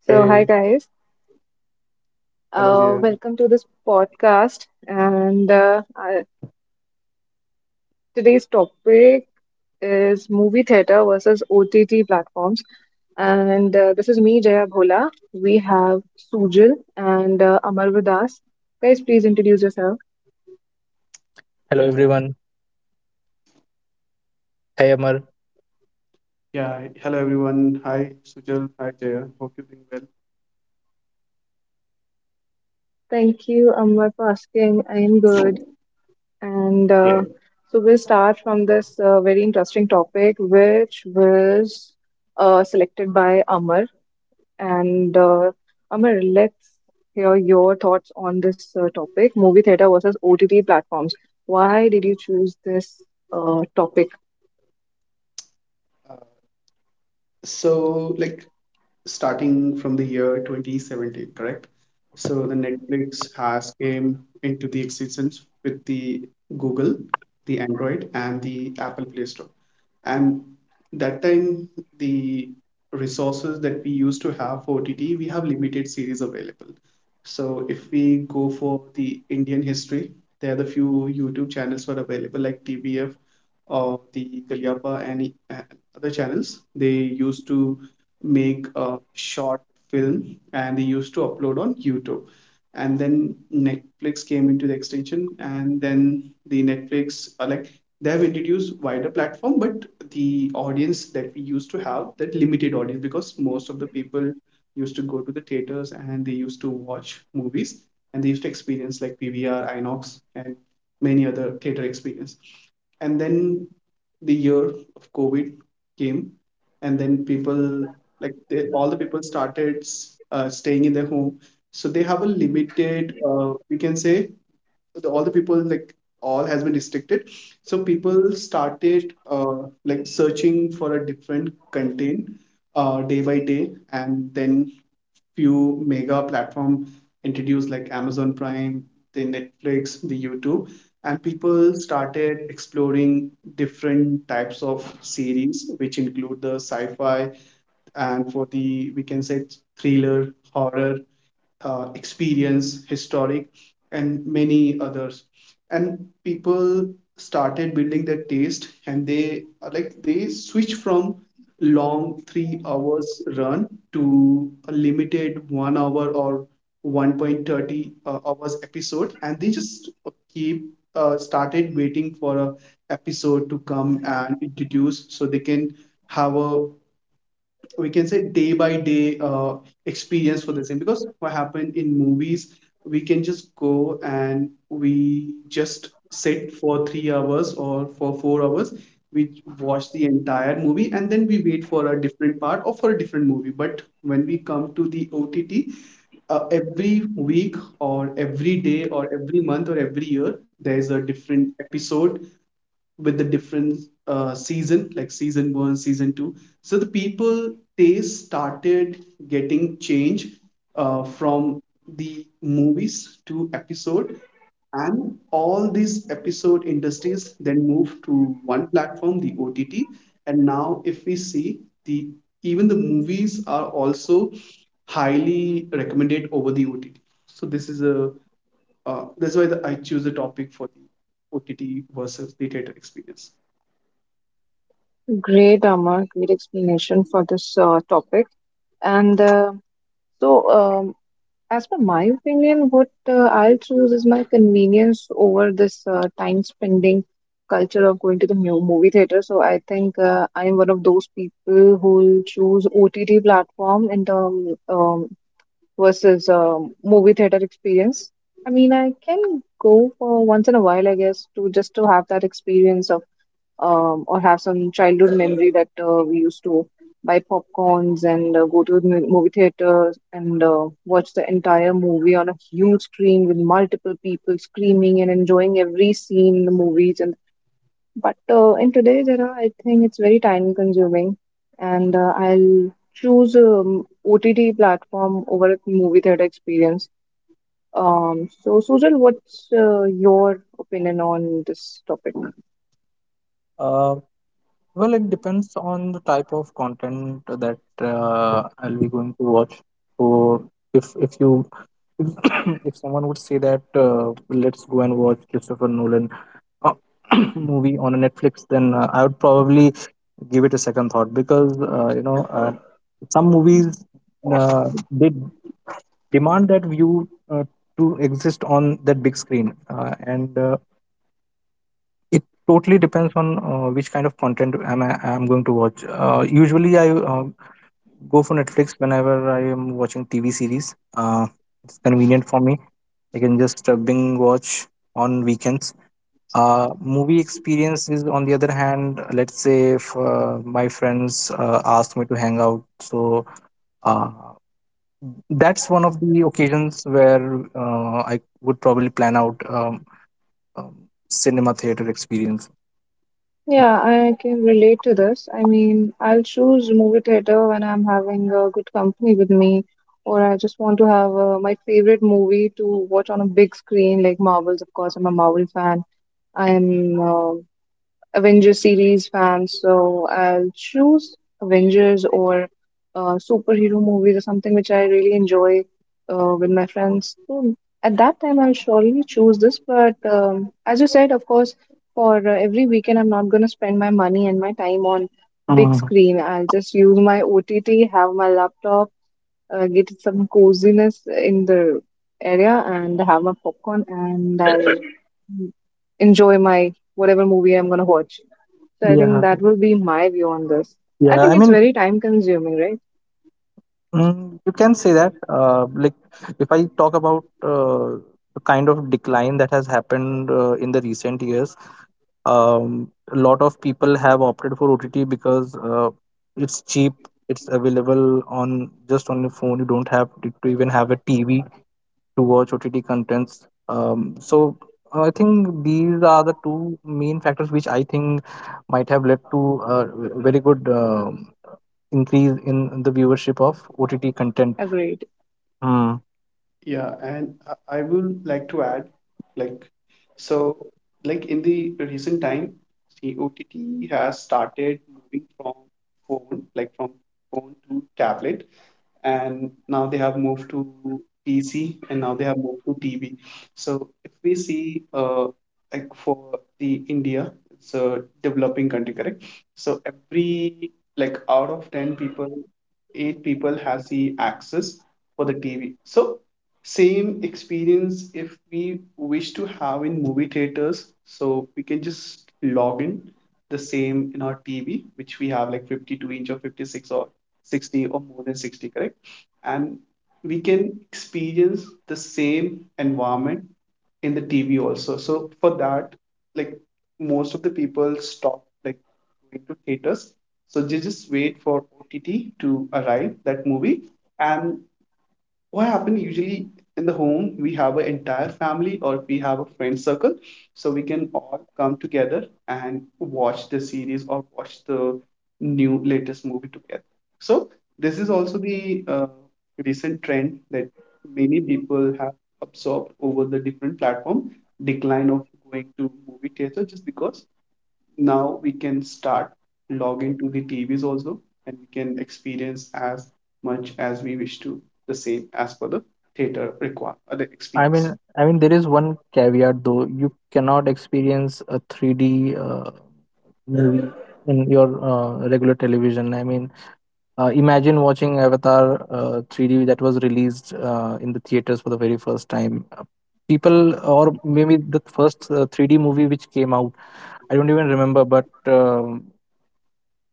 So hi Hey, guys, Hello, Jaya. welcome to this podcast. Today's topic is movie theater versus OTT platforms. And this is me, Jaya Bhola. We have Sujal and Amar with us. Guys, please introduce yourself. Yeah, hello everyone. Hey Amar. yeah. Hello, everyone. Hi, Sujal. Hi, Jaya. Hope you're doing well. Thank you, Amar, for asking. I am good. And Yeah. So we'll start from this very interesting topic, which was selected by Amar. And Amir, let's hear your thoughts on this topic, movie theater versus OTT platforms. Why did you choose this topic? Uh, so, like, starting from the year 2017, correct? So the Netflix has came into the existence with the Google, the Android, and the Apple Play Store. And that time, the resources that we used to have for OTT, we have limited series available. So if we go for the Indian history, there are the few YouTube channels were available like TBF or the Kalyapa and other channels. They used to make a short film and they used to upload on YouTube. And then Netflix came into the extension, and then the Netflix like they have introduced wider platform, but the audience that we used to have that limited audience because most of the people used to go to the theaters and they used to watch movies and they used to experience like PVR, INOX, and many other theater experience. And then the year of COVID came, and then people like they, all the people started staying in their home, so they have a limited, we can say all the people like all has been restricted, so people started like searching for a different content day by day, and then few mega platform introduced like Amazon Prime, the Netflix, the YouTube, and people started exploring different types of series which include the sci-fi and for the, we can say, thriller, horror experience, historic, and many others. And people started building their taste and they like they switch from long 3 hours run to a limited 1 hour or 1.30 hours episode, and they just keep started waiting for a episode to come and introduce, so they can have a, we can say, day by day experience for the same. Because what happened in movies, we can just go and we just sit for 3 hours or for 4 hours, we watch the entire movie and then we wait for a different part or for a different movie. But when we come to the OTT, every week or every day or every month or every year there is a different episode with the different season, like season one, season two. So the people taste started getting change from the movies to episode, and all these episode industries then move to one platform, the OTT. And now, if we see, the even the movies are also highly recommended over the OTT. So, this is a that's why I choose the topic for the OTT versus the theater experience. Great, Amar. Great explanation for this topic. And uh, so, um, as per my opinion, what I'll choose is my convenience over this time spending culture of going to the movie theater. So, I think I'm one of those people who will choose OTT platform in terms versus movie theater experience. I mean, I can go for once in a while, I guess, to just to have that experience of or have some childhood memory that we used to buy popcorns and go to the movie theater and watch the entire movie on a huge screen with multiple people screaming and enjoying every scene in the movies and but in today's era, I think it's very time consuming, and I'll choose OTT platform over a movie theater experience. So, Sujal, what's your opinion on this topic? Uh, well, it depends on the type of content that I'll be going to watch. So, if if someone would say that let's go and watch Christopher Nolan uh, movie on a Netflix, then I would probably give it a second thought because some movies uh, they demand that view to exist on that big screen, and it totally depends on which kind of content am I am going to watch. Usually, I go for Netflix whenever I am watching TV series. It's convenient for me. I can just Bing watch on weekends. Movie experience is on the other hand. Let's say if my friends ask me to hang out, so uh, that's one of the occasions where I would probably plan out. um, cinema theater experience. Yeah, I can relate to this. I mean, I'll choose movie theater when I'm having a good company with me, or I just want to have my favorite movie to watch on a big screen, like Marvels. Of course, I'm a Marvel fan. I'm Avengers series fans, so I'll choose Avengers or superhero movies or something which I really enjoy with my friends. So at that time, I'll surely choose this. But as you said, of course, for every weekend, I'm not going to spend my money and my time on big Uh, screen. I'll just use my OTT, have my laptop, get some coziness in the area, and have my popcorn, and I'll enjoy my whatever movie I'm going to watch. So I think yeah, that will be my view on this. yeah. I I think it's mean, very time consuming, right? mm, you can say that. If I talk about the kind of decline that has happened in the recent years, a lot of people have opted for OTT because it's cheap, it's available on just on your phone. You don't have to even have a TV to watch OTT contents. So I think these are the two main factors which I think might have led to very good, increase in the viewership of OTT content. Agreed. Hmm. Yeah, and I will like to add, like, so, like in the recent time, the OTT has started moving from phone, like from phone to tablet, and now they have moved to PC and now they have moved to TV. So if we see, like for the India, it's a developing country, correct? So every, like out of 10 people, eight people has the access for the TV. So same experience if we wish to have in movie theaters, so we can just log in the same in our TV, which we have like 52 inch or 56 or 60 or more than 60, correct? And we can experience the same environment in the TV also. So for that, like most of the people stop like going to theaters. So they just wait for OTT to arrive that movie, and what happens usually in the home we have an entire family or we have a friend circle, so we can all come together and watch the series or watch the new latest movie together. So this is also the recent trend that many people have absorbed over the different platform, decline of going to movie theater, just because now we can start logging to the TVs also and we can experience as much as we wish to the same as per the theater require, the experience. I mean, there is one caveat though. You cannot experience a 3D movie in your regular television. I mean, imagine watching Avatar 3D that was released in the theaters for the very first time. People, or maybe the first 3D movie which came out, I don't even remember, but. Um,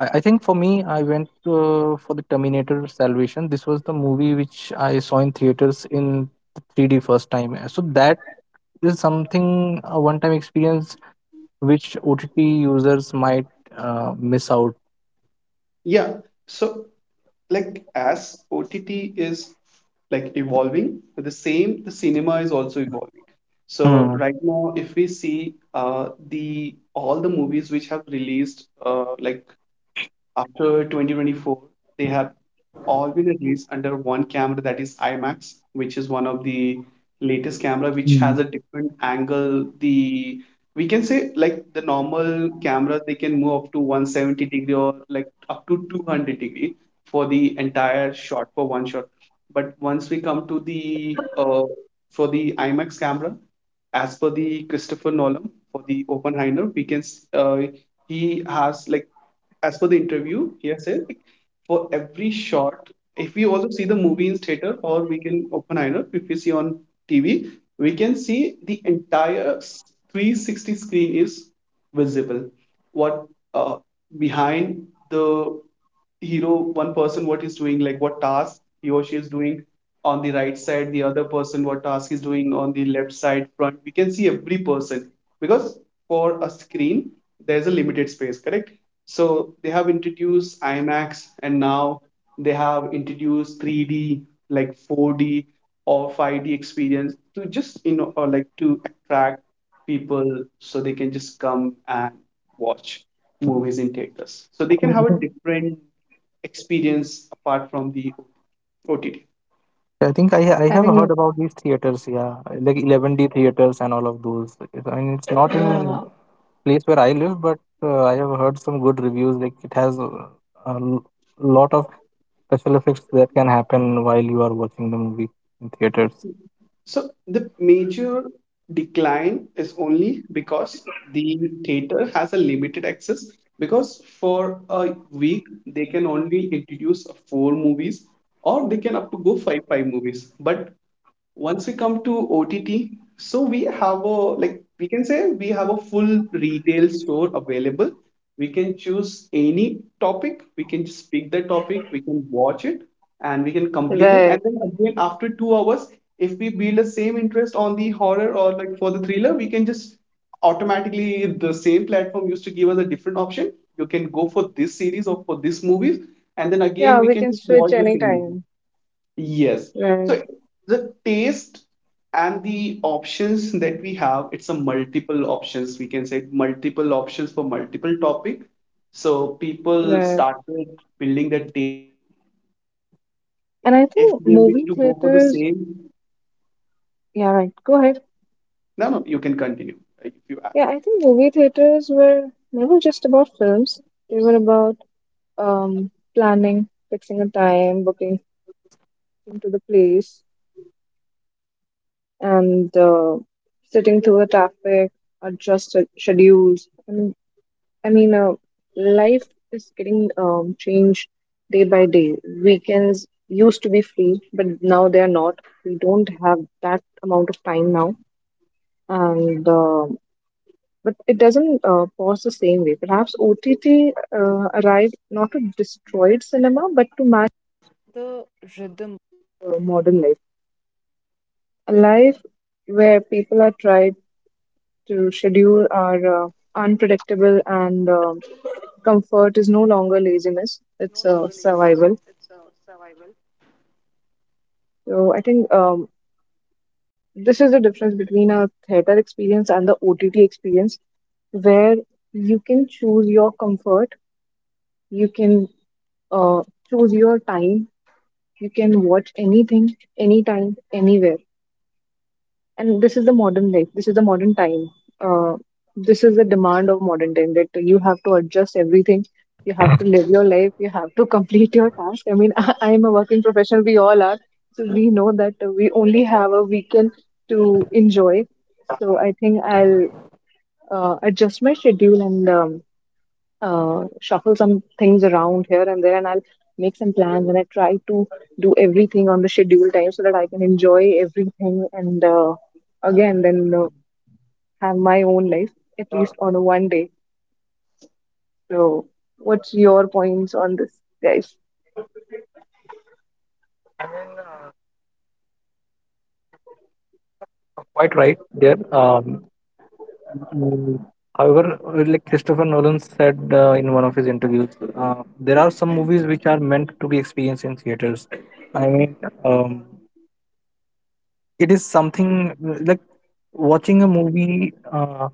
I, I think for me, I went for the Terminator Salvation. This was the movie which I saw in theaters in the 3D first time. So that is something a one-time experience which OTT users might miss out. Yeah, so like as OTT is like evolving, but the same, the cinema is also evolving. So Hmm. right now if we see, the all the movies which have released, like after 2024, they have all been released under one camera that is IMAX, which is one of the latest camera which has a Hmm. different angle. The, we can say, like the normal cameras they can move up to 170 degree or like up to 200 degree for the entire shot, for one shot. But once we come to the for the IMAX camera, as per the Christopher Nolan for the Oppenheimer, he has, like, as per the interview, he has said like, for every shot, if we also see the movie in theater, or we can Oppenheimer, if we see on TV, we can see the entire 360 screen is visible. What, uh, behind the hero, one person, what he's doing, like what task he or she is doing on the right side, the other person, what task he's doing on the left side, front. We can see every person because for a screen, there's a limited space, correct? So they have introduced IMAX, and now they have introduced 3D, like 4D or 5D experience to just, or like to attract people so they can just come and watch movies in theaters. So I they can think I have a think different experience apart from the OTT. I think I I have heard think about these theaters. Yeah, like 11D theaters and all of those. I mean, it's not in yeah. place where I live, but I have heard some good reviews. Like it has a l- lot of special effects that can happen while you are watching the movie in theaters. So the major decline is only because the theater has a limited access, because for a week they can only introduce four movies or they can up to go five movies. But once we come to OTT, so we have a, like we can say, we have a full retail store available. We can choose any topic, we can just pick the topic, we can watch it, and we can complete it. Right. And then again, after 2 hours, if we build the same interest on the horror or like for the thriller, we can just automatically, the same platform used to give us a different option. You can go for this series or for this movies, and then again Yeah, we we can can just switch watch the same movie. anytime. Yes. Right, So the taste and the options that we have, it's a multiple options. We can say multiple options for multiple topic. So people right. started building their taste inside their own. And And I if think they wish movie to go for the theaters same, Yeah, right. Go ahead. no, no, you can continue. If you Yeah, I think movie theaters were never just about films. They were about planning, fixing a rule are unpredictable, and comfort is no longer laziness, it's survival. So I think, this is the difference between a theater experience and the OTT experience, where you can choose your comfort, you can uh, choose your time, you can watch anything, anytime, anywhere. And this is the modern life, this is the modern time. uh, this is the demand of modern time, that you have to adjust everything, you have to live your life, you have to complete your task. I mean, am a working professional, we all are. So we know that we only have a weekend to enjoy. So I think I'll adjust my schedule and shuffle some things around here and there, and I'll make some plans. And I try to do everything on the schedule time so that I can enjoy everything. And again, then have my own life, at least on a one day. So, what's your points on this, guys? Quite right there. Mm, However, like Christopher Nolan said in one of his interviews, there are some movies which are meant to be experienced in theaters. I mean, um, it is something like watching a movie.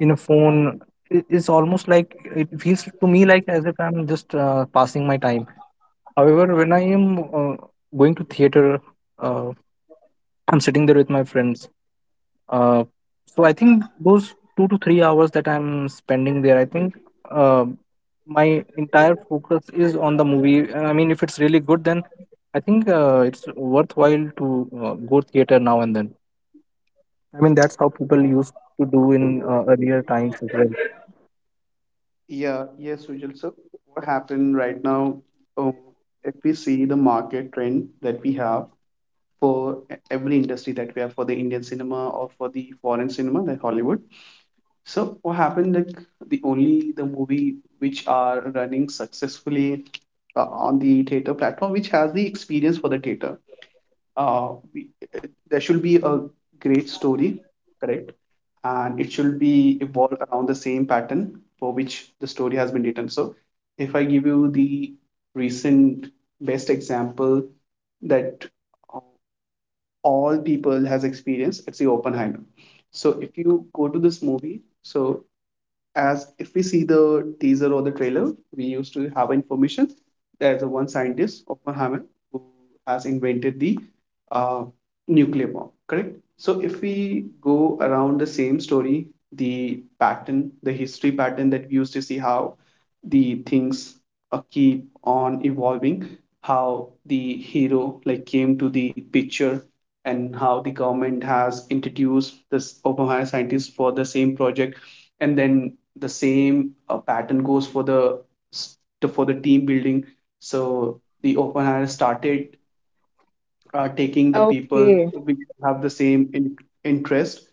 In a phone is almost like it feels to me like as if I'm just passing my time. However, when I am uh, going to theater, uh, I'm sitting there with my friends, uh, so I think those 2 to 3 hours that I'm spending there, I think uh, my entire focus is on the movie. And I mean if it's really good, then I think it's worthwhile to go theater now and then. I mean that's how people used to do in earlier times as well. Yeah, yes, Sujal. So what happened right now, um, if we see the market trend that we have for every industry that we have for the Indian cinema or for the foreign cinema, like Hollywood. So what happened, like, the only the movie which are running successfully, on the theater platform, which has the experience for the theater. Uh, we, there should be a great story, correct? And it should be evolve around the same pattern for which the story has been written. So if I give you the recent best example that all people has experienced, it's the Oppenheimer. So if you go to this movie, so as if we see the teaser or the trailer, we used to have information. There's a one scientist, Oppenheimer, who has invented the uh, nuclear bomb, correct? So if we go around the same story, the pattern, the history pattern that we used to see how the things keep on evolving, how the hero like came to the picture, and how the government has introduced this Oppenheimer scientist for the same project, and then the same pattern goes for the team building. So the open hire started taking the people Okay, who have the same interest,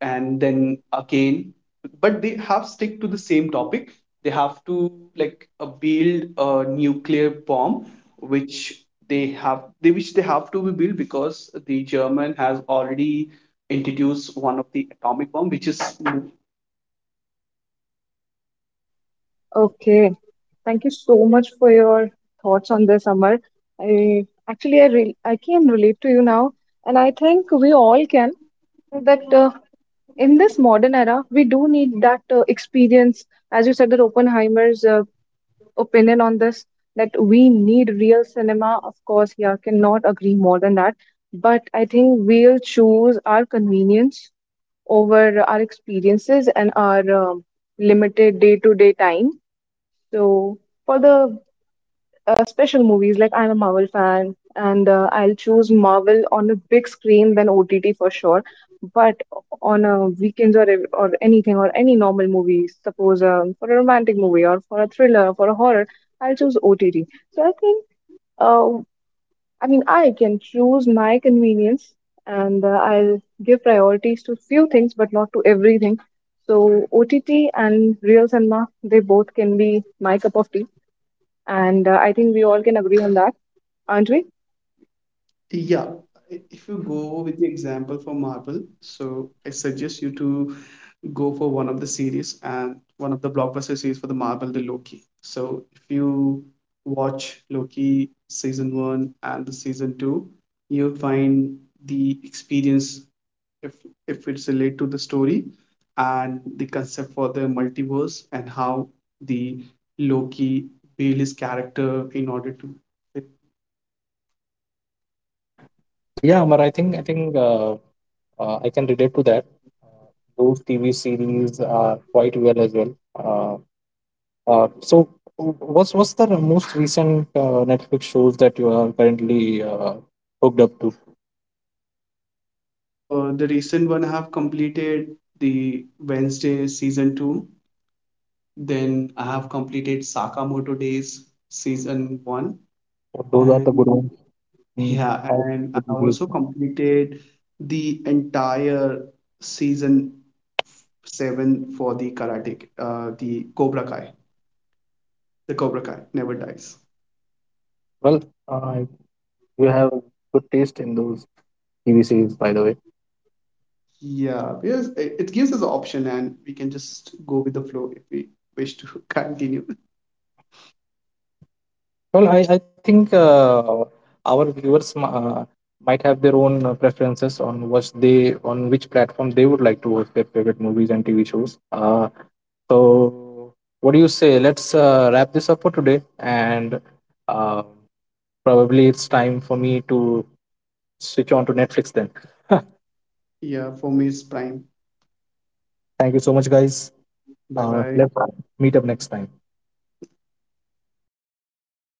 and then again, but they have stick to the same topic. They have to like build a nuclear bomb, which which they have to be built, because the German has already introduced one of the atomic bomb, which is. okay. Thank you so much for your thoughts on this, Amar. I actually I can relate to you now, and I think we all can. That in this modern era, we do need that experience. As you said, that Oppenheimer's opinion on this, that we need real cinema. Of course, yeah, cannot agree more than that. But I think we'll choose our convenience over our experiences and our um, limited day to day time. So, for the special movies. Like I'm a Marvel fan, and I'll choose Marvel on a big screen than OTT for sure. But on a weekends or or anything or any normal movie, suppose for a romantic movie or for a thriller for a horror, I'll choose OTT. So I think, uh, I mean, I can choose my convenience, and I'll give priorities to few things, but not to everything. So OTT and real cinema, they both can be my cup of tea, and I think we all can agree on that, aren't we? Yeah, if you go with the example for Marvel, so I suggest you to go for one of the series and one of the blockbuster series for the Marvel, the Loki. So if you watch Loki season one and the season two, you'll find the experience, if if it's related to the story and the concept for the multiverse and how the Loki build his character in order to. Yeah, Amar. I can relate to that. Uh, those TV series are quite well as well. So, what's the most recent Netflix shows that you are currently hooked up to? The recent one I have completed, the Wednesday season two. Then I have completed Sakamoto Days season one, Those are the good and ones. Mm, yeah, I and I would agree. also completed the entire season seven for the the Cobra Kai never dies. Well, uh, you have good taste in those TV series, by the way. Yeah, because it gives us an option, and we can just go with the flow if we wish to continue. Well, I think our viewers might have their own preferences on what they on which platform they would like to watch their favorite movies and TV shows. So, what do you say? Let's wrap this up for today, and uh, probably it's time for me to switch on to Netflix then. Yeah, for me it's Prime. Thank you so much, guys. Bye bye. Let's meet up next time. Thank